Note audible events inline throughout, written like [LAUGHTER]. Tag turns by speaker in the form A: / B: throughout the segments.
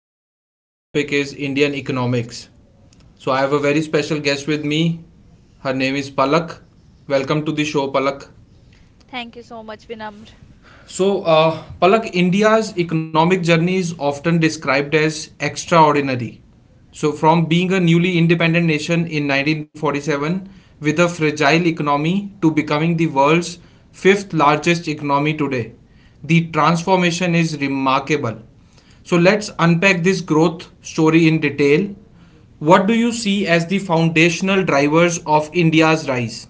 A: podcast topic is Indian economics. So, I have a very special guest with me. Her name is Palak. Welcome to the show, Palak.
B: Thank you so much, Vinamr.
A: Palak, India's economic journey is often described as extraordinary. So, from being a newly independent nation in 1947 with a fragile economy to becoming the world's fifth largest economy today, the transformation is remarkable. So, let's unpack this growth story in detail. What do you see as the foundational drivers of India's rise?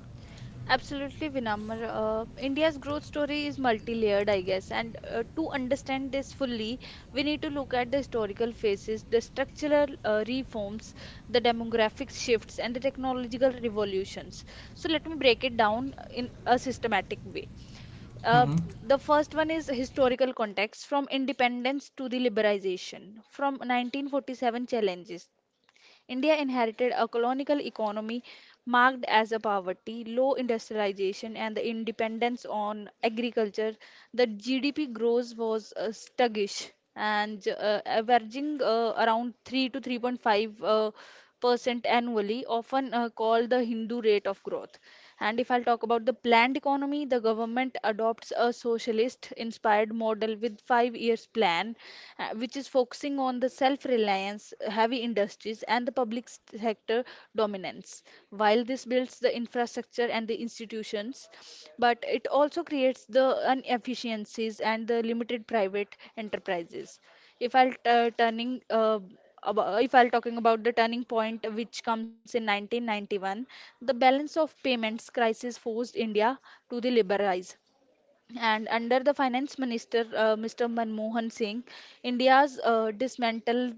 B: Absolutely, Vinamr. India's growth story is multi-layered, I guess. And to understand this fully, we need to look at the historical phases, the structural reforms, the demographic shifts, and the technological revolutions. So let me break it down in a systematic way. Uh, the first one is historical context, from independence to the liberalization. From 1947 challenges, India inherited a colonial economy marked as a poverty, low industrialization, and the independence on agriculture. The GDP growth was sluggish and averaging around 3 to 3.5 percent annually, often called the Hindu rate of growth. And if I'll talk about the planned economy, the government adopts a socialist inspired model with 5 years plan, which is focusing on the self reliance, heavy industries, and the sector dominance. While this builds the infrastructure and the institutions, but it also creates the inefficiencies and the limited private enterprises. if I'll uh, turning uh, if I'll talking about the turning point which comes in 1991, the balance of payments crisis forced India to the liberalize. And under the finance minister, Mr. Manmohan Singh, India's dismantled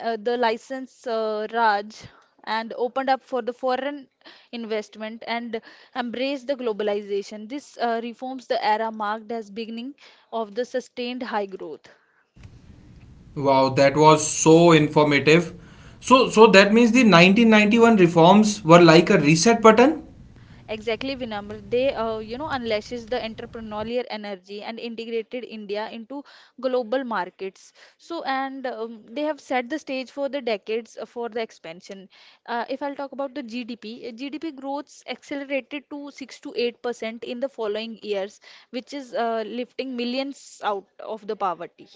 B: the license Raj and opened up for the foreign investment and embraced the globalization. This reforms the era marked as beginning of the sustained high growth.
A: Wow, that was so informative. So that means the 1991 reforms were like a reset button?
B: Exactly, Vinamr. They unleashes the entrepreneurial energy and integrated India into global markets. So, and they have set the stage for the decades for the expansion. If I'll talk about the GDP growth accelerated to 6 to 8 percent in the following years, which is lifting millions out of the poverty.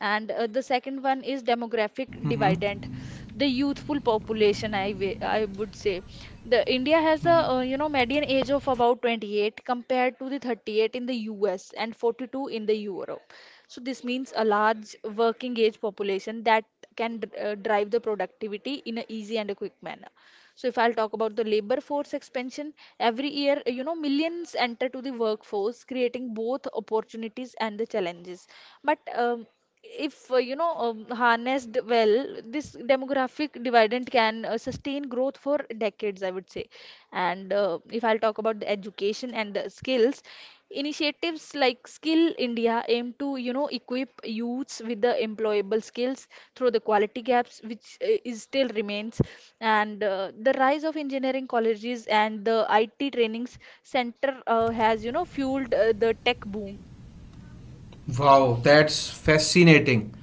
B: And the second one is demographic
A: hmm
B: dividend, the youthful population, I would say. The India has a median age of about 28 compared to the 38 in the US and 42 in the Europe. So this means a large working age population that can drive the productivity in an easy and a quick manner. So if I'll talk about the labor force expansion, every year, millions enter to the workforce, creating both opportunities and the challenges. But if harnessed well, this demographic dividend can sustain growth for decades, I would say. And if I'll talk about the education and the skills, initiatives like Skill India aim to equip youths with the employable skills through the quality gaps which is still remains. And the rise of engineering colleges and the IT trainings center has fueled the tech boom.
A: Wow, that's fascinating.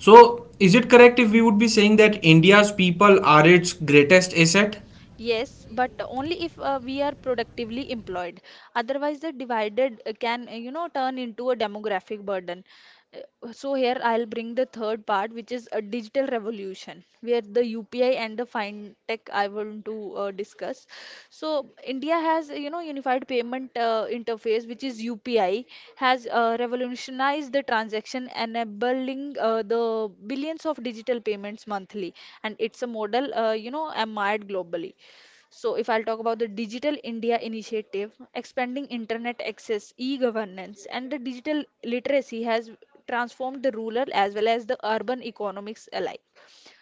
A: So, is it correct if we would be saying that India's people are its greatest asset?
B: Yes, but only if we are productively employed. Otherwise, the divided can, turn into a demographic burden. Uh, So here I'll bring the third part, which is a digital revolution, where the UPI and the fintech I want to discuss. So India has, unified payment interface, which is UPI, has revolutionized the transaction, enabling the billions of digital payments monthly, and it's a model, admired globally. So, if I'll talk about the Digital India Initiative, expanding internet access, e governance, and the digital literacy has transformed the rural as well as the urban economics alike.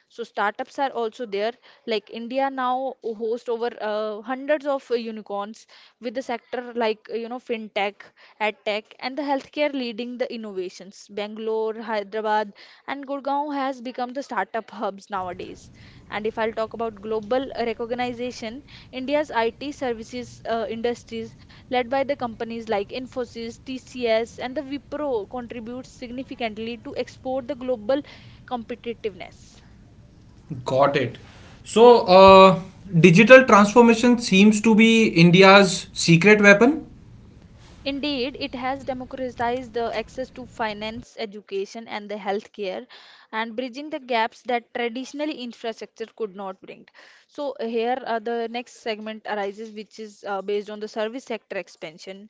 B: So startups are also there. Like India now hosts over hundreds of unicorns with the sector like fintech, edtech, and the healthcare leading the innovations. Bangalore, Hyderabad, and Gurgaon has become the startup hubs nowadays. And if I'll talk about global recognition, India's IT services industries led by the companies like Infosys, TCS, and the Wipro contributes significantly to export the global competitiveness.
A: Got it. So, uh, Digital transformation seems to be India's secret weapon?
B: Indeed, it has democratized the access to finance, education, and the healthcare, and bridging the gaps that traditional infrastructure could not bring. So the next segment arises, which is based on the service sector expansion,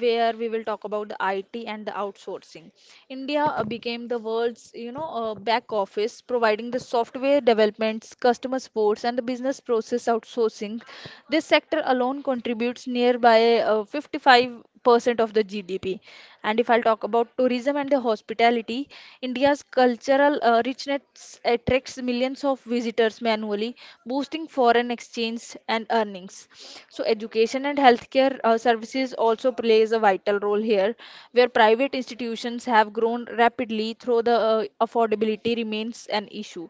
B: where we will talk about the IT and the outsourcing. India became the world's, back office, providing the software developments, customer supports, and the business process outsourcing. This sector alone contributes nearby 55% of the GDP. And if I'll talk about tourism and the hospitality, India's cultural richness attracts millions of visitors annually, boosting foreign exchange and earnings. So education and healthcare services also plays a vital role here, where private institutions have grown rapidly, though the affordability remains an issue.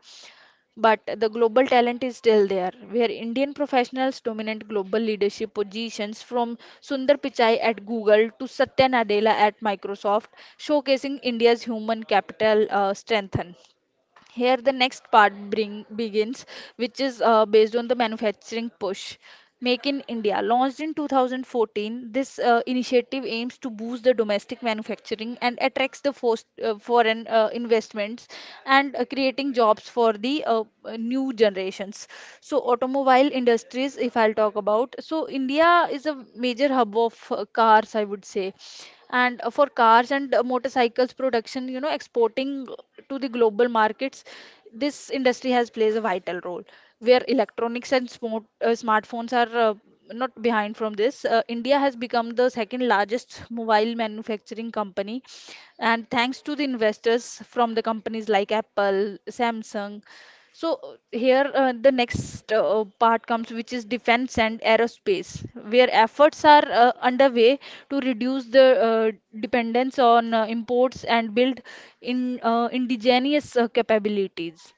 B: But the global talent is still there, where Indian professionals dominate global leadership positions from Sundar Pichai at Google to Satya Nadella at Microsoft, showcasing India's human capital strength. Here, the next part begins, which is based on the manufacturing push. Make in India. Launched in 2014, this initiative aims to boost the domestic manufacturing and attracts the foreign investments and creating jobs for the new generations. So automobile industries, if I'll talk about, so India is a major hub of cars, I would say, and for cars and motorcycles production, exporting to the global markets. This industry has plays a vital role, where electronics and smartphones are not behind from this. India has become the second largest mobile manufacturing company, and thanks to the investors from the companies like Apple, Samsung. So here the next part comes, which is defense and aerospace, where efforts are underway to reduce the dependence on imports and build in indigenous capabilities.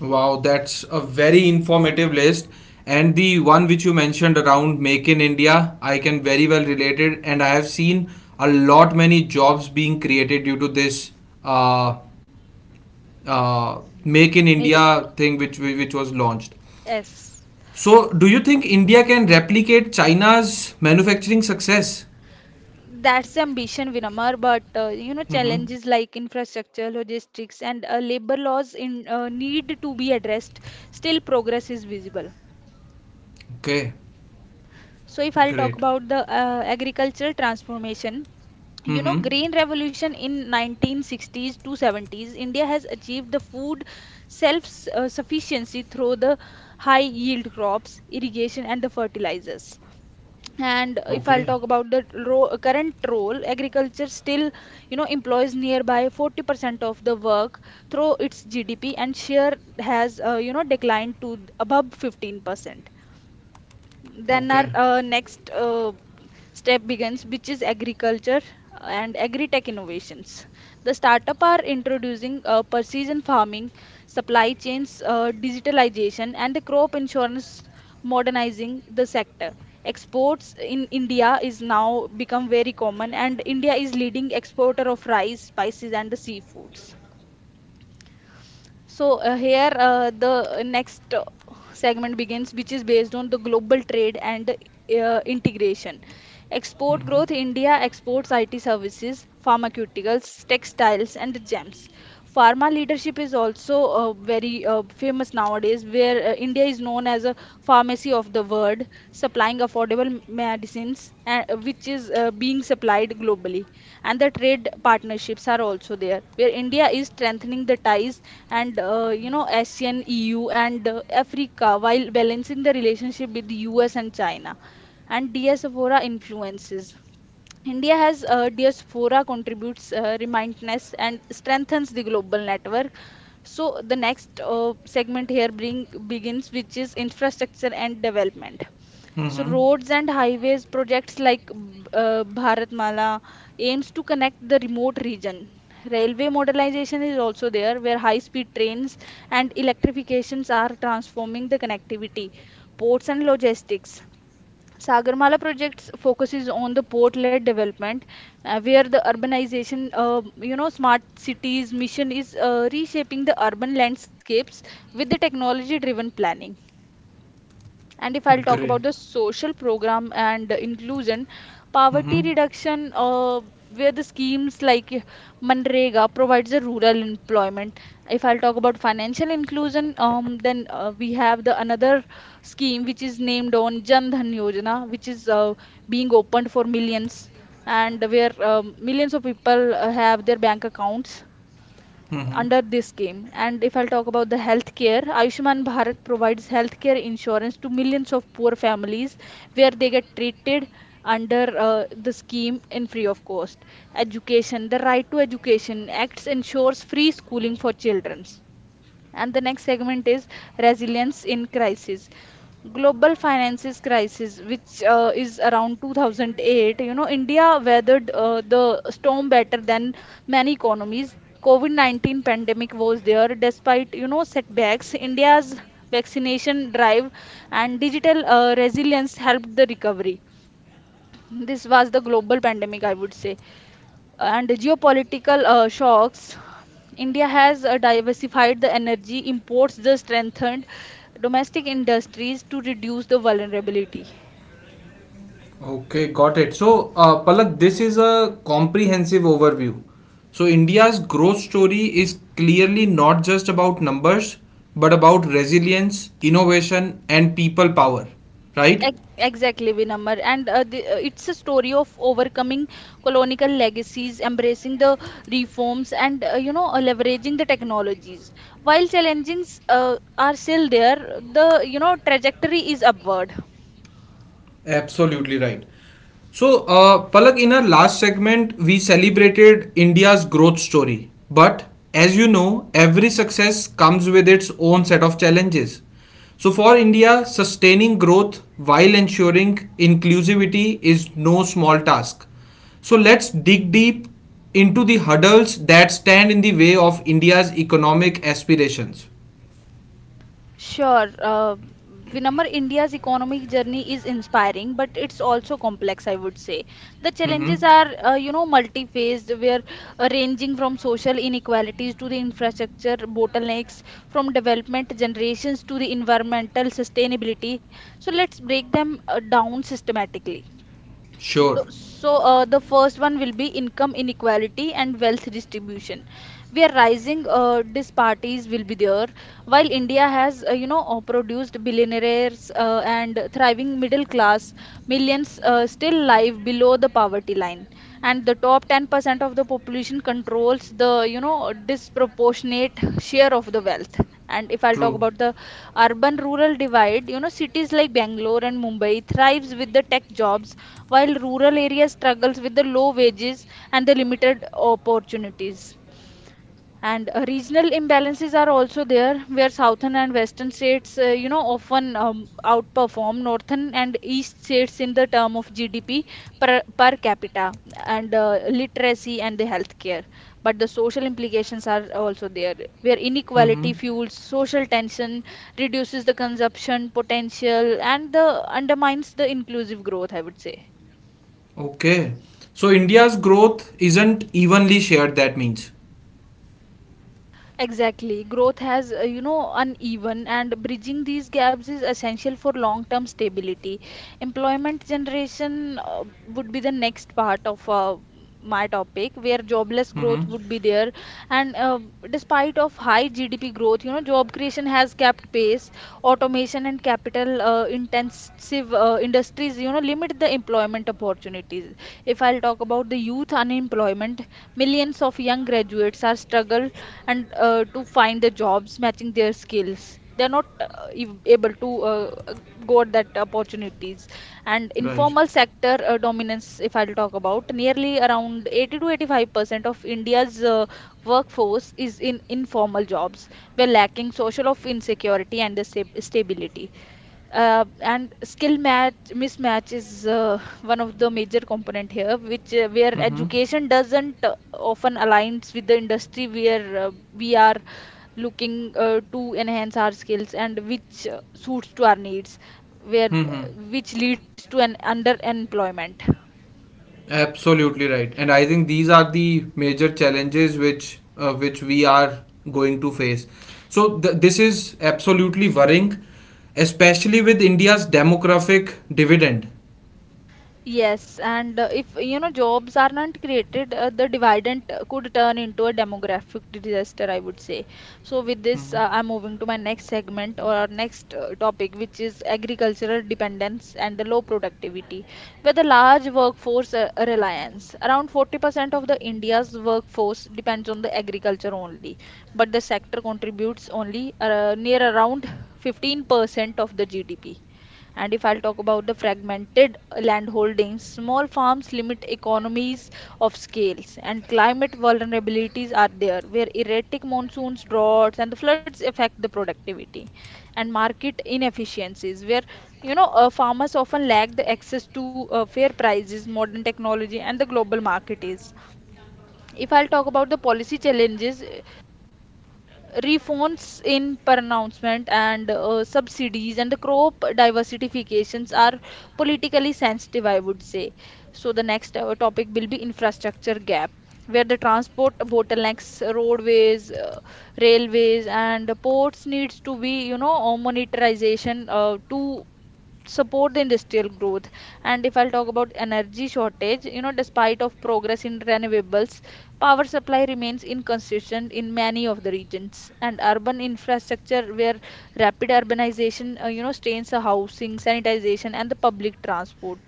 A: Wow, that's a very informative list. And the one which you mentioned around Make in India, I can very well relate it. And I have seen a lot many jobs being created due to this uh, Make in
B: Make it-
A: India thing which was launched.
B: Yes.
A: So, do you think India can replicate China's manufacturing success?
B: That's ambition, Vinamar, but
A: Mm-hmm.
B: challenges like infrastructure, logistics, and labor laws in need to be addressed. Still, progress is visible.
A: Okay,
B: So, if I'll talk
A: great.
B: about the agricultural transformation,
A: Mm-hmm.
B: green revolution in 1960s to 70s, India has achieved the food self-sufficiency through the high-yield crops, irrigation, and the fertilizers. And if I'll
A: Okay,
B: talk about the ro current role, agriculture still, employs nearby 40% of the work through its GDP and share has, declined to above 15%. Then our
A: okay.
B: next step begins, which is agriculture and agri-tech innovations. The startup are introducing precision farming, supply chains digitalization, and the crop insurance modernizing the sector. Exports in India is now become very common, and India is leading exporter of rice, spices, and the seafoods. So here the next segment begins, which is based on the global trade and integration. Export
A: Mm-hmm.
B: growth, India exports IT services, pharmaceuticals, textiles, and gems. Pharma leadership is also very famous nowadays, where India is known as a pharmacy of the world, supplying affordable medicines, which is being supplied globally. And the trade partnerships are also there, where India is strengthening the ties and ASEAN, EU, and Africa while balancing the relationship with the US and China and diaspora influences. India has diaspora contributes remindness and strengthens the global network. So the next segment here bring begins, which is infrastructure and development. So
A: Mm-hmm.
B: roads and highways projects like Bharatmala aims to connect the remote region. Railway modernization is also there, where high-speed trains and electrifications are transforming the connectivity. Ports and logistics. Sagarmala project focuses on the port-led development, where the urbanization, smart cities mission is reshaping the urban landscapes with the technology-driven planning. And if I'll talk
A: Great.
B: about the social program and inclusion,
A: Mm-hmm.
B: poverty reduction, where the schemes like Manrega provides a rural employment. If I'll talk about financial inclusion, then we have the another scheme which is named on Jan Dhan Yojana, which is being opened for millions, and where millions of people have their bank accounts
A: Mm-hmm.
B: under this scheme. And if I'll talk about the healthcare, Ayushman Bharat provides healthcare insurance to millions of poor families where they get treated under the scheme in free of cost. Education, the Right to Education Acts ensures free schooling for children. And the next segment is resilience in crisis. Global finances crisis, which is around 2008, India weathered the storm better than many economies. COVID-19 pandemic was there despite, setbacks. India's vaccination drive and digital resilience helped the recovery. This was the global pandemic, I would say. And geopolitical shocks, India has diversified the energy imports, thus strengthened domestic industries to reduce the vulnerability.
A: Okay, got it. Palak, this is a comprehensive overview. So, India's growth story is clearly not just about numbers, but about resilience, innovation, and people power, right?
B: Exactly, Vinamar. And it's a story of overcoming colonial legacies, embracing the reforms, and leveraging the technologies. While challenges are still there, the trajectory is upward.
A: Absolutely right. Palak, in our last segment, we celebrated India's growth story. But as you know, every success comes with its own set of challenges. So, for India, sustaining growth while ensuring inclusivity is no small task. So, let's dig deep into the hurdles that stand in the way of India's economic aspirations.
B: Sure. Vinamr, India's economic journey is inspiring, but it's also complex, I would say. The
A: hmm
B: challenges are, multi-phased, where ranging from social inequalities to the infrastructure bottlenecks, from development generations to the environmental sustainability. So let's break them down systematically. Th-
A: Sure.
B: So, uh, the first one will be income inequality and wealth distribution, where rising disparities will be there. While India has, produced billionaires and thriving middle class, millions still live below the poverty line, and the top 10% of the population controls the, disproportionate share of the wealth. And if I'll talk
A: True.
B: about the urban-rural divide, you know, cities like Bangalore and Mumbai thrives with the tech jobs, while rural areas struggles with the low wages and the limited opportunities. And Regional imbalances are also there, where southern and western states, often outperform northern and east states in the term of GDP per capita and literacy and the healthcare. But the social implications are also there, where inequality
A: hmm
B: fuels social tension, reduces the consumption potential, and the undermines the inclusive growth, I would say.
A: Okay. So India's growth isn't evenly shared, that means.
B: Exactly. Growth has, uneven, and bridging these gaps is essential for long-term stability. Employment generation would be the next part of my topic, where jobless growth
A: Mm-hmm.
B: would be there, and despite of high GDP growth, you know, job creation has kept pace. Automation and capital intensive industries, you know, limit the employment opportunities. If I'll talk about the youth unemployment, millions of young graduates are struggle, and to find the jobs matching their skills. They're not able to go at that opportunities. And
A: Right.
B: informal sector dominance, if I'll talk about nearly around 80 to 85% of india's workforce is in informal jobs. We're lacking social of insecurity and the stability, and skill match mismatch is [LAUGHS] one of the major component here, which where
A: Mm-hmm.
B: education doesn't often aligns with the industry, where we are looking to enhance our skills and which suits to our needs, where
A: Mm-hmm.
B: which leads to an underemployment.
A: Absolutely right. And I think these are the major challenges which we are going to face. So this is absolutely worrying, especially with India's demographic dividend.
B: Yes, and if you know jobs are not created, the dividend could turn into a demographic disaster, I would say. So with this, I'm moving to my next segment or next topic, which is agricultural dependence and the low productivity, where the large workforce reliance. Around 40% of the India's workforce depends on the agriculture only, but the sector contributes only near around 15% of the GDP. And if I'll talk about the fragmented land holdings, small farms limit economies of scales, and climate vulnerabilities are there, where erratic monsoons, droughts, and the floods affect the productivity, and market inefficiencies, where farmers often lack the access to fair prices, modern technology, and the global market is. If I'll talk about the policy challenges, reforms in pronouncement and subsidies and the crop diversifications are politically sensitive, I would say. So the next topic will be infrastructure gap, where the transport bottlenecks, roadways, railways, and ports needs to be, you know, monetization to support the industrial growth. And if I'll talk about energy shortage, you know, despite of progress in renewables, power supply remains inconsistent in many of the regions. And urban infrastructure, where rapid urbanization, strains the housing sanitization and the public transport.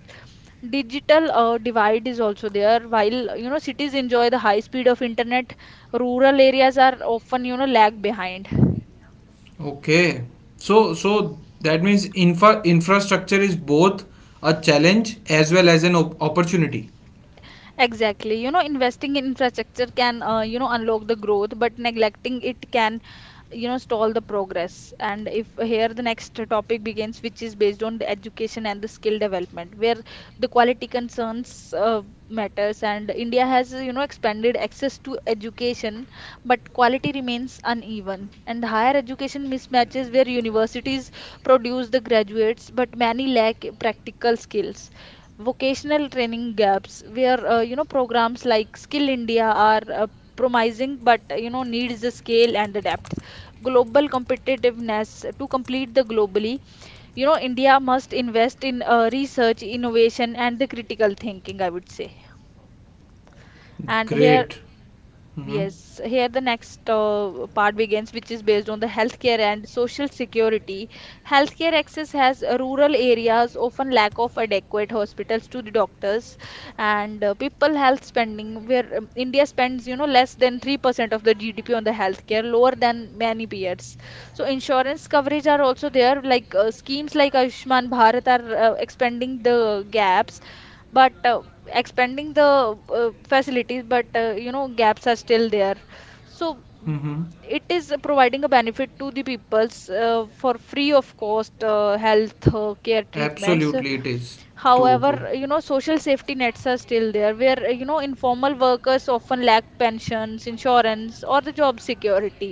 B: Digital divide is also there, while, you know, cities enjoy the high speed of internet, rural areas are often, you know, lag behind.
A: Okay. So that means infrastructure is both a challenge as well as an opportunity.
B: Exactly. You know, investing in infrastructure can, unlock the growth, but neglecting it can, you know, stall the progress. And if here the next topic begins, which is based on the education and the skill development, where the quality concerns matters. And India has, you know, expanded access to education, but quality remains uneven. And higher education mismatches, where universities produce the graduates, but many lack practical skills. Vocational training gaps, where programs like Skill India are promising, but you know needs the scale and the depth. Global competitiveness, to complete the globally, you know, India must invest in research innovation and the critical thinking, I would say. And here,
A: Great. Mm-hmm.
B: yes, here the next part begins, which is based on the healthcare and social security. Healthcare access has rural areas often lack of adequate hospitals to the doctors, and people health spending, where India spends, you know, less than 3% of the GDP on the healthcare, lower than many peers. So insurance coverage are also there, like schemes like Ayushman Bharat are expanding the gaps, but expanding the facilities, but you know gaps are still there. So
A: Mm-hmm.
B: it is providing a benefit to the peoples for free of cost health care treatments.
A: Absolutely, it is. True, true.
B: However, you know, social safety nets are still there, where informal workers often lack pensions insurance or the job security.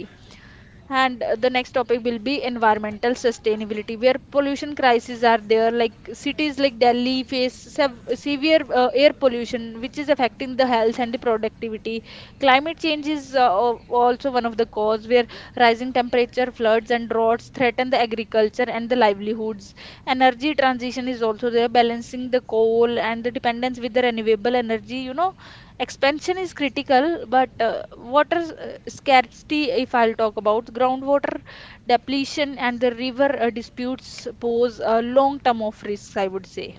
B: And The next topic will be environmental sustainability, where pollution crises are there. Like cities like Delhi face severe air pollution, which is affecting the health and the productivity. Climate change is also one of the cause, where rising temperature, floods, and droughts threaten the agriculture and the livelihoods. Energy transition is also there, balancing the coal and the dependence with the renewable energy. You know, expansion is critical, but water scarcity, if I'll talk about groundwater depletion and the river disputes, pose a long term of risks, I would say.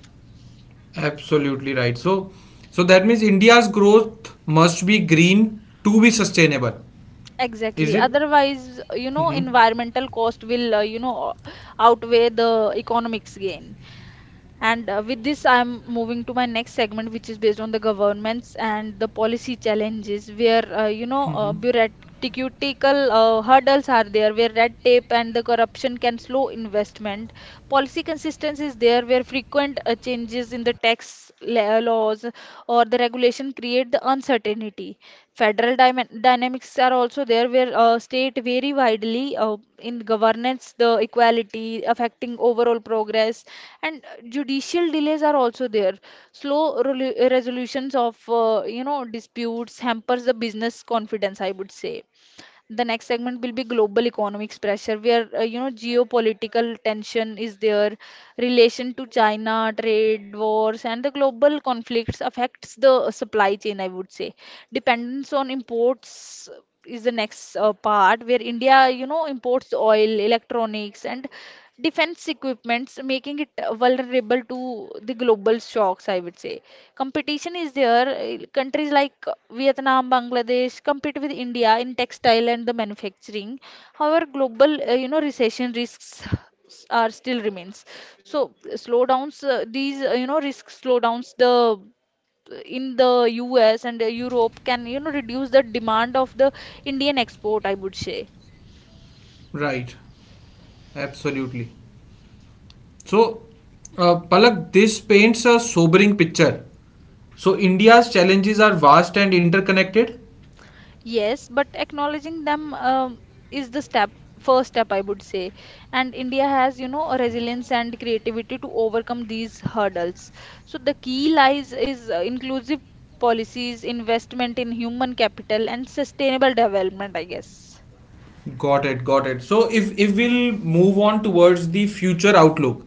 A: Absolutely right. So that means India's growth must be green to be sustainable. Is
B: Exactly.
A: it?
B: Otherwise, you know,
A: Mm-hmm.
B: environmental cost will, outweigh the economics gain. And with this, I'm moving to my next segment, which is based on the governments and the policy challenges, where bureaucratical hurdles are there, where red tape and the corruption can slow investment. Policy consistency is there, where frequent changes in the tax laws or the regulation create the uncertainty. Federal dynamics are also there, where state vary widely in governance, the equality affecting overall progress, and judicial delays are also there. Slow resolutions of disputes hampers the business confidence, I would say. The next segment will be global economics pressure, where geopolitical tension is there, relation to China trade wars and the global conflicts affects the supply chain, I would say. Dependence on imports is the next part, where India, you know, imports oil electronics and defense equipments, making it vulnerable to the global shocks, I would say. Competition is there. Countries like Vietnam, Bangladesh compete with India in textile and the manufacturing. However, global, recession risks are still remains. So slowdowns, risk slowdowns the in the US and Europe can, you know, reduce the demand of the Indian export, I would say.
A: Right. Absolutely. So, Palak, this paints a sobering picture. So, India's challenges are vast and interconnected.
B: Yes, but acknowledging them, is the step, first step, I would say. And India has, you know, a resilience and creativity to overcome these hurdles. So the key lies is inclusive policies, investment in human capital, and sustainable development, I guess.
A: Got it, got it. So if we'll move on towards the future outlook.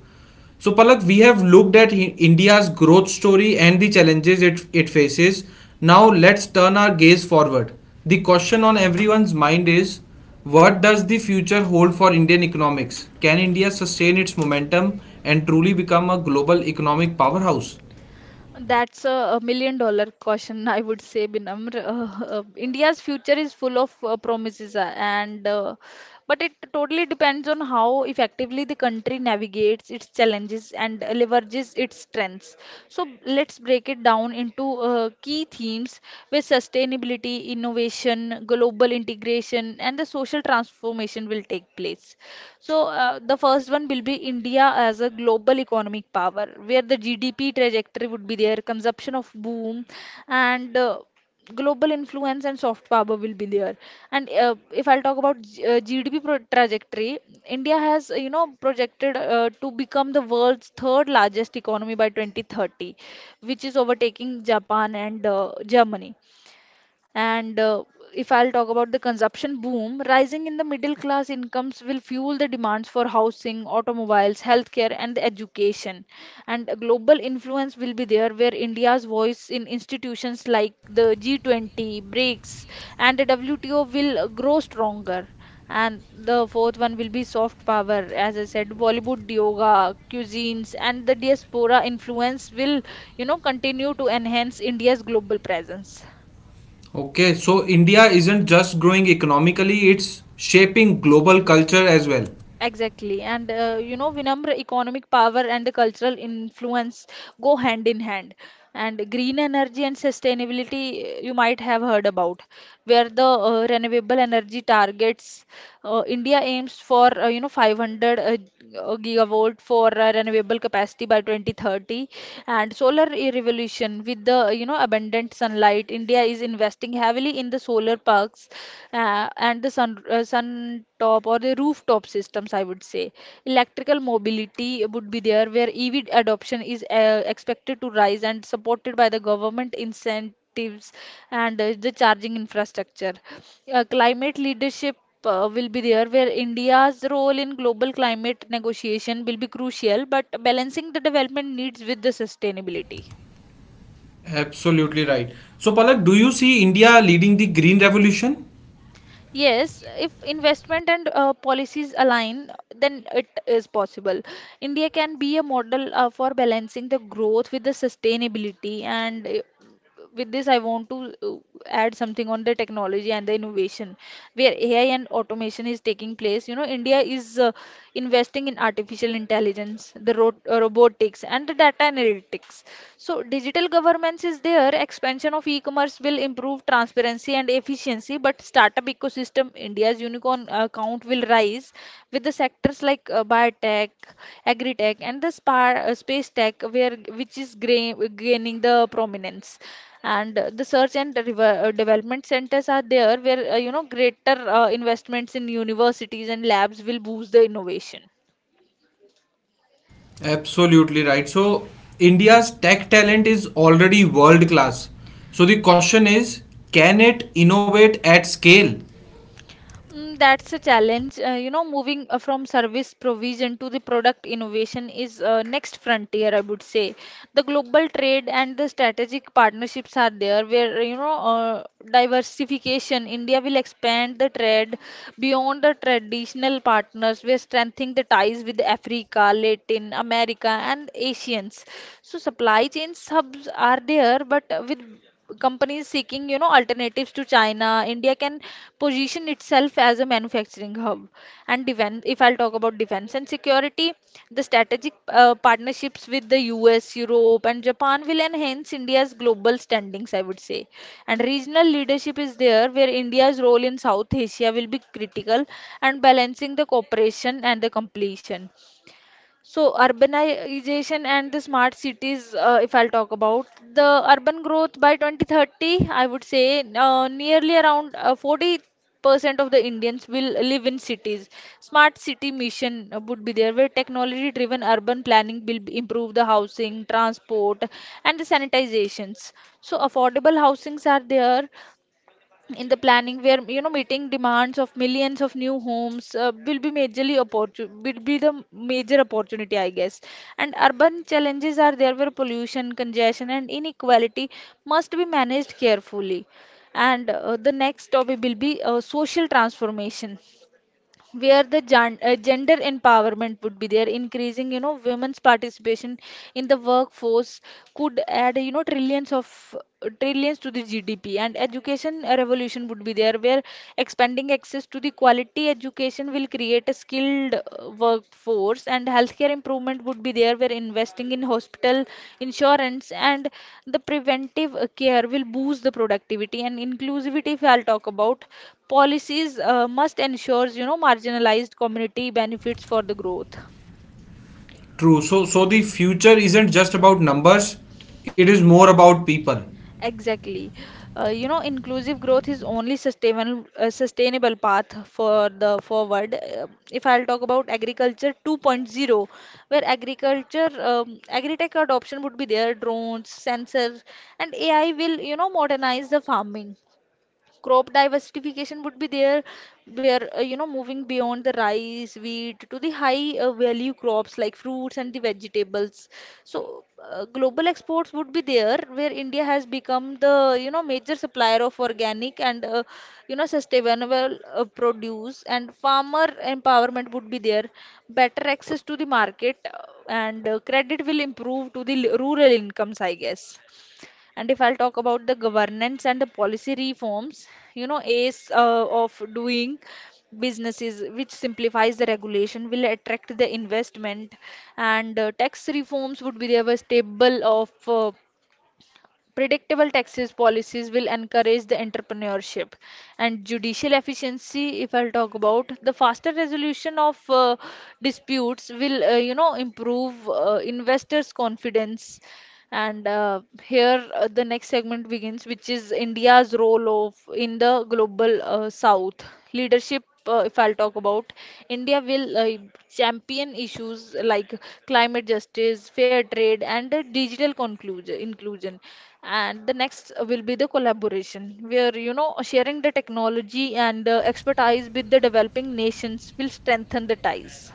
A: So Palak, we have looked at India's growth story and the challenges it faces. Now let's turn our gaze forward. The question on everyone's mind is what does the future hold for Indian economics? Can India sustain its momentum and truly become a global economic powerhouse?
B: That's a million dollar question, [LAUGHS] I would say, Binamr. India's future is full of promises, and but it totally depends on how effectively the country navigates its challenges and leverages its strengths. So let's break it down into key themes, where sustainability, innovation, global integration, and the social transformation will take place. So, the first one will be India as a global economic power, where the GDP trajectory would be there, consumption of boom, and global influence and soft power will be there. And If I'll talk about GDP pro trajectory, India has, projected to become the world's third largest economy by 2030, which is overtaking Japan and Germany. And If I'll talk about the consumption boom, rising in the middle class incomes will fuel the demands for housing, automobiles, healthcare, and education. And a global influence will be there, where India's voice in institutions like the G20, BRICS, and the WTO will grow stronger. And the fourth one will be soft power. As I said, Bollywood yoga, cuisines, and the diaspora influence will, you know, continue to enhance India's global presence.
A: Okay, so India isn't just growing economically, it's shaping global culture as well.
B: Exactly. And Vinamra, economic power and the cultural influence go hand in hand. And green energy and sustainability, you might have heard about, where the renewable energy targets, India aims for, 500 gigawatt for renewable capacity by 2030. And revolution, with the, you know, abundant sunlight, India is investing heavily in the solar parks and the sun top or the rooftop systems, I would say. Electrical mobility would be there where EV adoption is expected to rise and supported by the government incentives and the charging infrastructure. Climate leadership will be there where India's role in global climate negotiation will be crucial, but balancing the development needs with the sustainability.
A: Absolutely right. So, Palak, do you see India leading the green revolution?
B: Yes, if investment and policies align, then it is possible. India can be a model for balancing the growth with the sustainability. And With this, I want to add something on the technology and the innovation, where AI and automation is taking place. You know, India is investing in artificial intelligence, the robotics, and the data analytics, so digital governments is there. Expansion of e-commerce will improve transparency and efficiency, but startup ecosystem, India's unicorn count will rise with the sectors like biotech, agri-tech, and the space tech, where which is gaining the prominence. And the search and development centers are there, where you know greater investments in universities and labs will boost the innovation.
A: Absolutely right. So, India's tech talent is already world class. So, the question is, can it innovate at scale?
B: Mm, that's a challenge. You know, moving from service provision to the product innovation is next frontier, I would say. The global trade and the strategic partnerships are there where, you know, diversification. India will expand the trade beyond the traditional partners. We're strengthening the ties with Africa, Latin America, and Asians. So supply chain hubs are there, but with companies seeking, you know, alternatives to China, India can position itself as a manufacturing hub. And defense, if I'll talk about defense and security, the strategic partnerships with the US, Europe, and Japan will enhance India's global standings, I would say. And regional leadership is there, where India's role in South Asia will be critical and balancing the cooperation and the completion. So urbanization and the smart cities, if I'll talk about the urban growth by 2030, I would say nearly around 40% of the Indians will live in cities. Smart city mission would be there where technology-driven urban planning will improve the housing, transport, and the sanitizations. So affordable housings are there in the planning where you know meeting demands of millions of new homes will be will be the major opportunity, I guess. And urban challenges are there where pollution, congestion, and inequality must be managed carefully. And the next topic will be social transformation, where the gender empowerment would be there, increasing you know women's participation in the workforce could add you know trillions of trillions to the GDP. And education revolution would be there where expanding access to the quality education will create a skilled workforce. And healthcare improvement would be there where investing in hospital, insurance, and the preventive care will boost the productivity and inclusivity. If I'll talk about policies, must ensures you know marginalized community benefits for the growth.
A: True. So the future isn't just about numbers, it is more about people.
B: Exactly. You know, inclusive growth is only sustainable, sustainable path for the forward. If I'll talk about agriculture 2.0, where agriculture agri-tech adoption would be there, drones, sensors, and AI will, you know, modernize the farming. Crop diversification would be there where you know moving beyond the rice wheat to the high value crops like fruits and the vegetables. So global exports would be there where India has become the you know major supplier of organic and you know sustainable produce. And farmer empowerment would be there, better access to the market and credit will improve to the rural incomes, I guess. And if I'll talk about the governance and the policy reforms, you know, ACE of doing businesses, which simplifies the regulation, will attract the investment. And tax reforms would be there, were stable of predictable taxes policies will encourage the entrepreneurship. And judicial efficiency, if I'll talk about, the faster resolution of disputes will you know improve investors confidence. And here the next segment begins, which is India's role of in the global South. Leadership, if I'll talk about, India will champion issues like climate justice, fair trade, and digital inclusion. And the next will be the collaboration, where you know sharing the technology and expertise with the developing nations will strengthen the ties.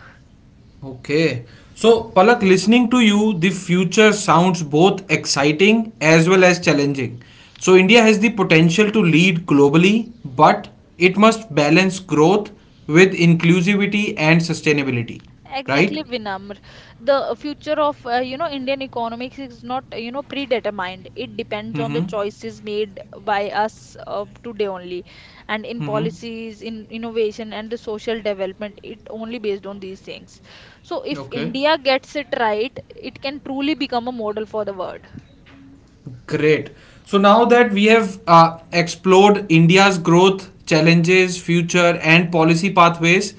A: Okay. So, Palak, listening to you, the future sounds both exciting as well as challenging. So, India has the potential to lead globally, but it must balance growth with inclusivity and sustainability, right?
B: Exactly, Vinamr. The future of you know Indian economics is not you know predetermined. It depends
A: Mm
B: on
A: hmm.
B: the choices made by us today only, and in
A: Mm hmm.
B: policies, in innovation, and the social development. It only based on these things. So if
A: Okay.
B: India gets it right, it can truly become a model for the world.
A: Great. So now that we have explored India's growth, challenges, future, and policy pathways,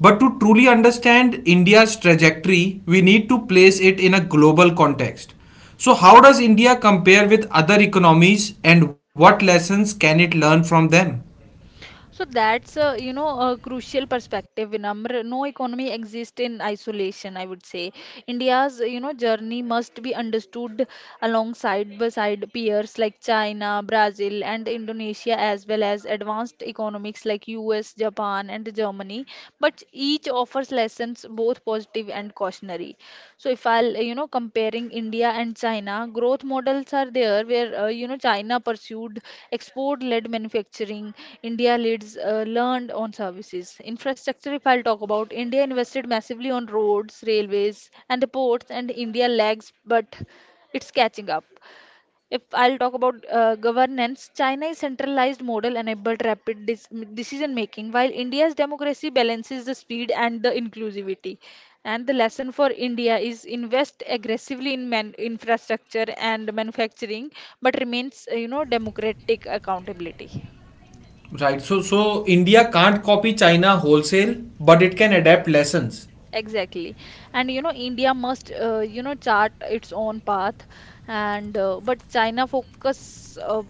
A: but to truly understand India's trajectory, we need to place it in a global context. So, how does India compare with other economies and what lessons can it learn from them?
B: So that's a, you know, a crucial perspective, Vinamr. No economy exists in isolation, I would say. India's, you know, journey must be understood alongside beside peers like China, Brazil, and Indonesia, as well as advanced economics like US, Japan, and Germany. But each offers lessons both positive and cautionary. So if I'll, you know, comparing India and China, growth models are there where, you know, China pursued export-led manufacturing, India leads learned on services. Infrastructure, if I'll talk about, India invested massively on roads, railways, and the ports, and India lags, but it's catching up. If I'll talk about governance, China's centralized model enabled rapid decision making, while India's democracy balances the speed and the inclusivity. And the lesson for India is invest aggressively in infrastructure and manufacturing, but remains, you know, democratic accountability.
A: Right, so India can't copy China wholesale, but it can adapt lessons.
B: Exactly. And you know, India must, you know, chart its own path. And but China focus,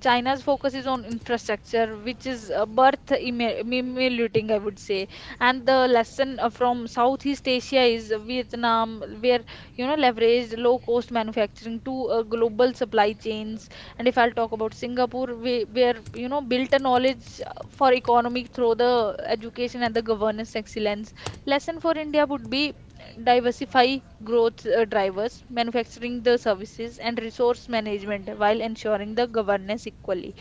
B: China's focus is on infrastructure, which is birth emulating, I would say. And the lesson from Southeast Asia is Vietnam, where you know leveraged low-cost manufacturing to global supply chains. And if I'll talk about Singapore, we, where you know built a knowledge for economic through the education and the governance excellence. Lesson for India would be diversify growth drivers, manufacturing the services and resource management while ensuring the governance equally.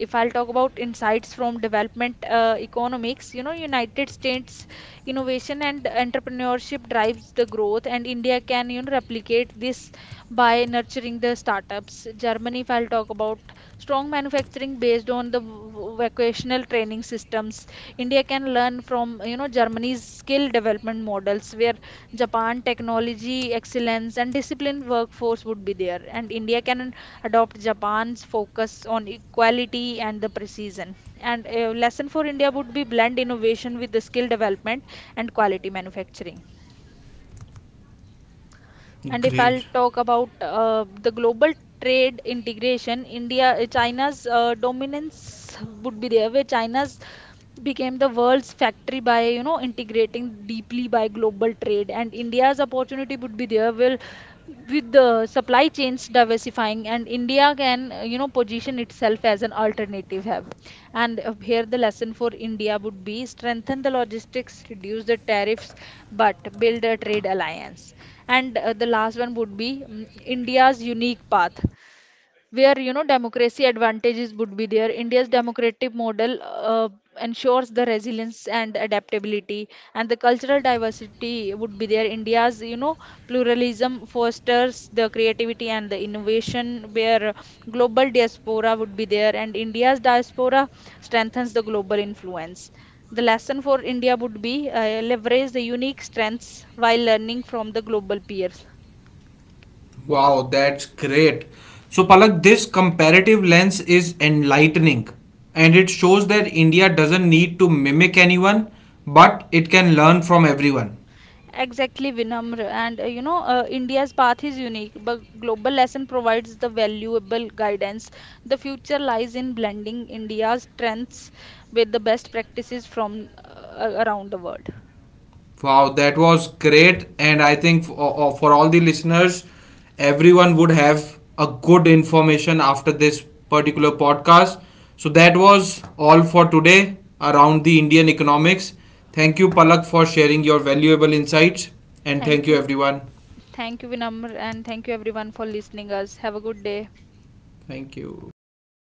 B: If I'll talk about insights from development economics, you know, United States innovation and entrepreneurship drives the growth, and India can you know replicate this by nurturing the startups. Germany, if I'll talk about strong manufacturing based on the vocational training systems, India can learn from, you know, Germany's skill development models. Where Japan technology excellence and disciplined workforce would be there. And India can adopt Japan's focus on equality and the precision. And a lesson for India would be blend innovation with the skill development and quality manufacturing. And if I'll
A: Great.
B: talk about the global trade integration, India, China's dominance would be there, where China's became the world's factory by you know integrating deeply by global trade. And India's opportunity would be there, will with the supply chains diversifying, and India can you know position itself as an alternative hub. And here the lesson for India would be strengthen the logistics, reduce the tariffs, but build a trade alliance. And the last one would be India's unique path, where you know democracy advantages would be there, India's democratic model ensures the resilience and adaptability. And the cultural diversity would be there, India's you know pluralism fosters the creativity and the innovation. Where global diaspora would be there, and India's diaspora strengthens the global influence. The lesson for India would be leverage the unique strengths while learning from the global peers.
A: Wow, that's great. So, Palak, this comparative lens is enlightening and it shows that India doesn't need to mimic anyone but it can learn from everyone.
B: Exactly, Vinamr. And you know, India's path is unique, but Global Lesson provides the valuable guidance. The future lies in blending India's strengths with the best practices from around the world.
A: Wow, that was great. And I think for all the listeners, everyone would have a good information after this particular podcast. So, that was all for today around the Indian economics. Thank you, Palak, for sharing your valuable insights. And thank
B: Thank
A: you,
B: you.
A: everyone.
B: Thank you, Vinamr, and thank you everyone for listening us. Have a good day.
A: Thank you.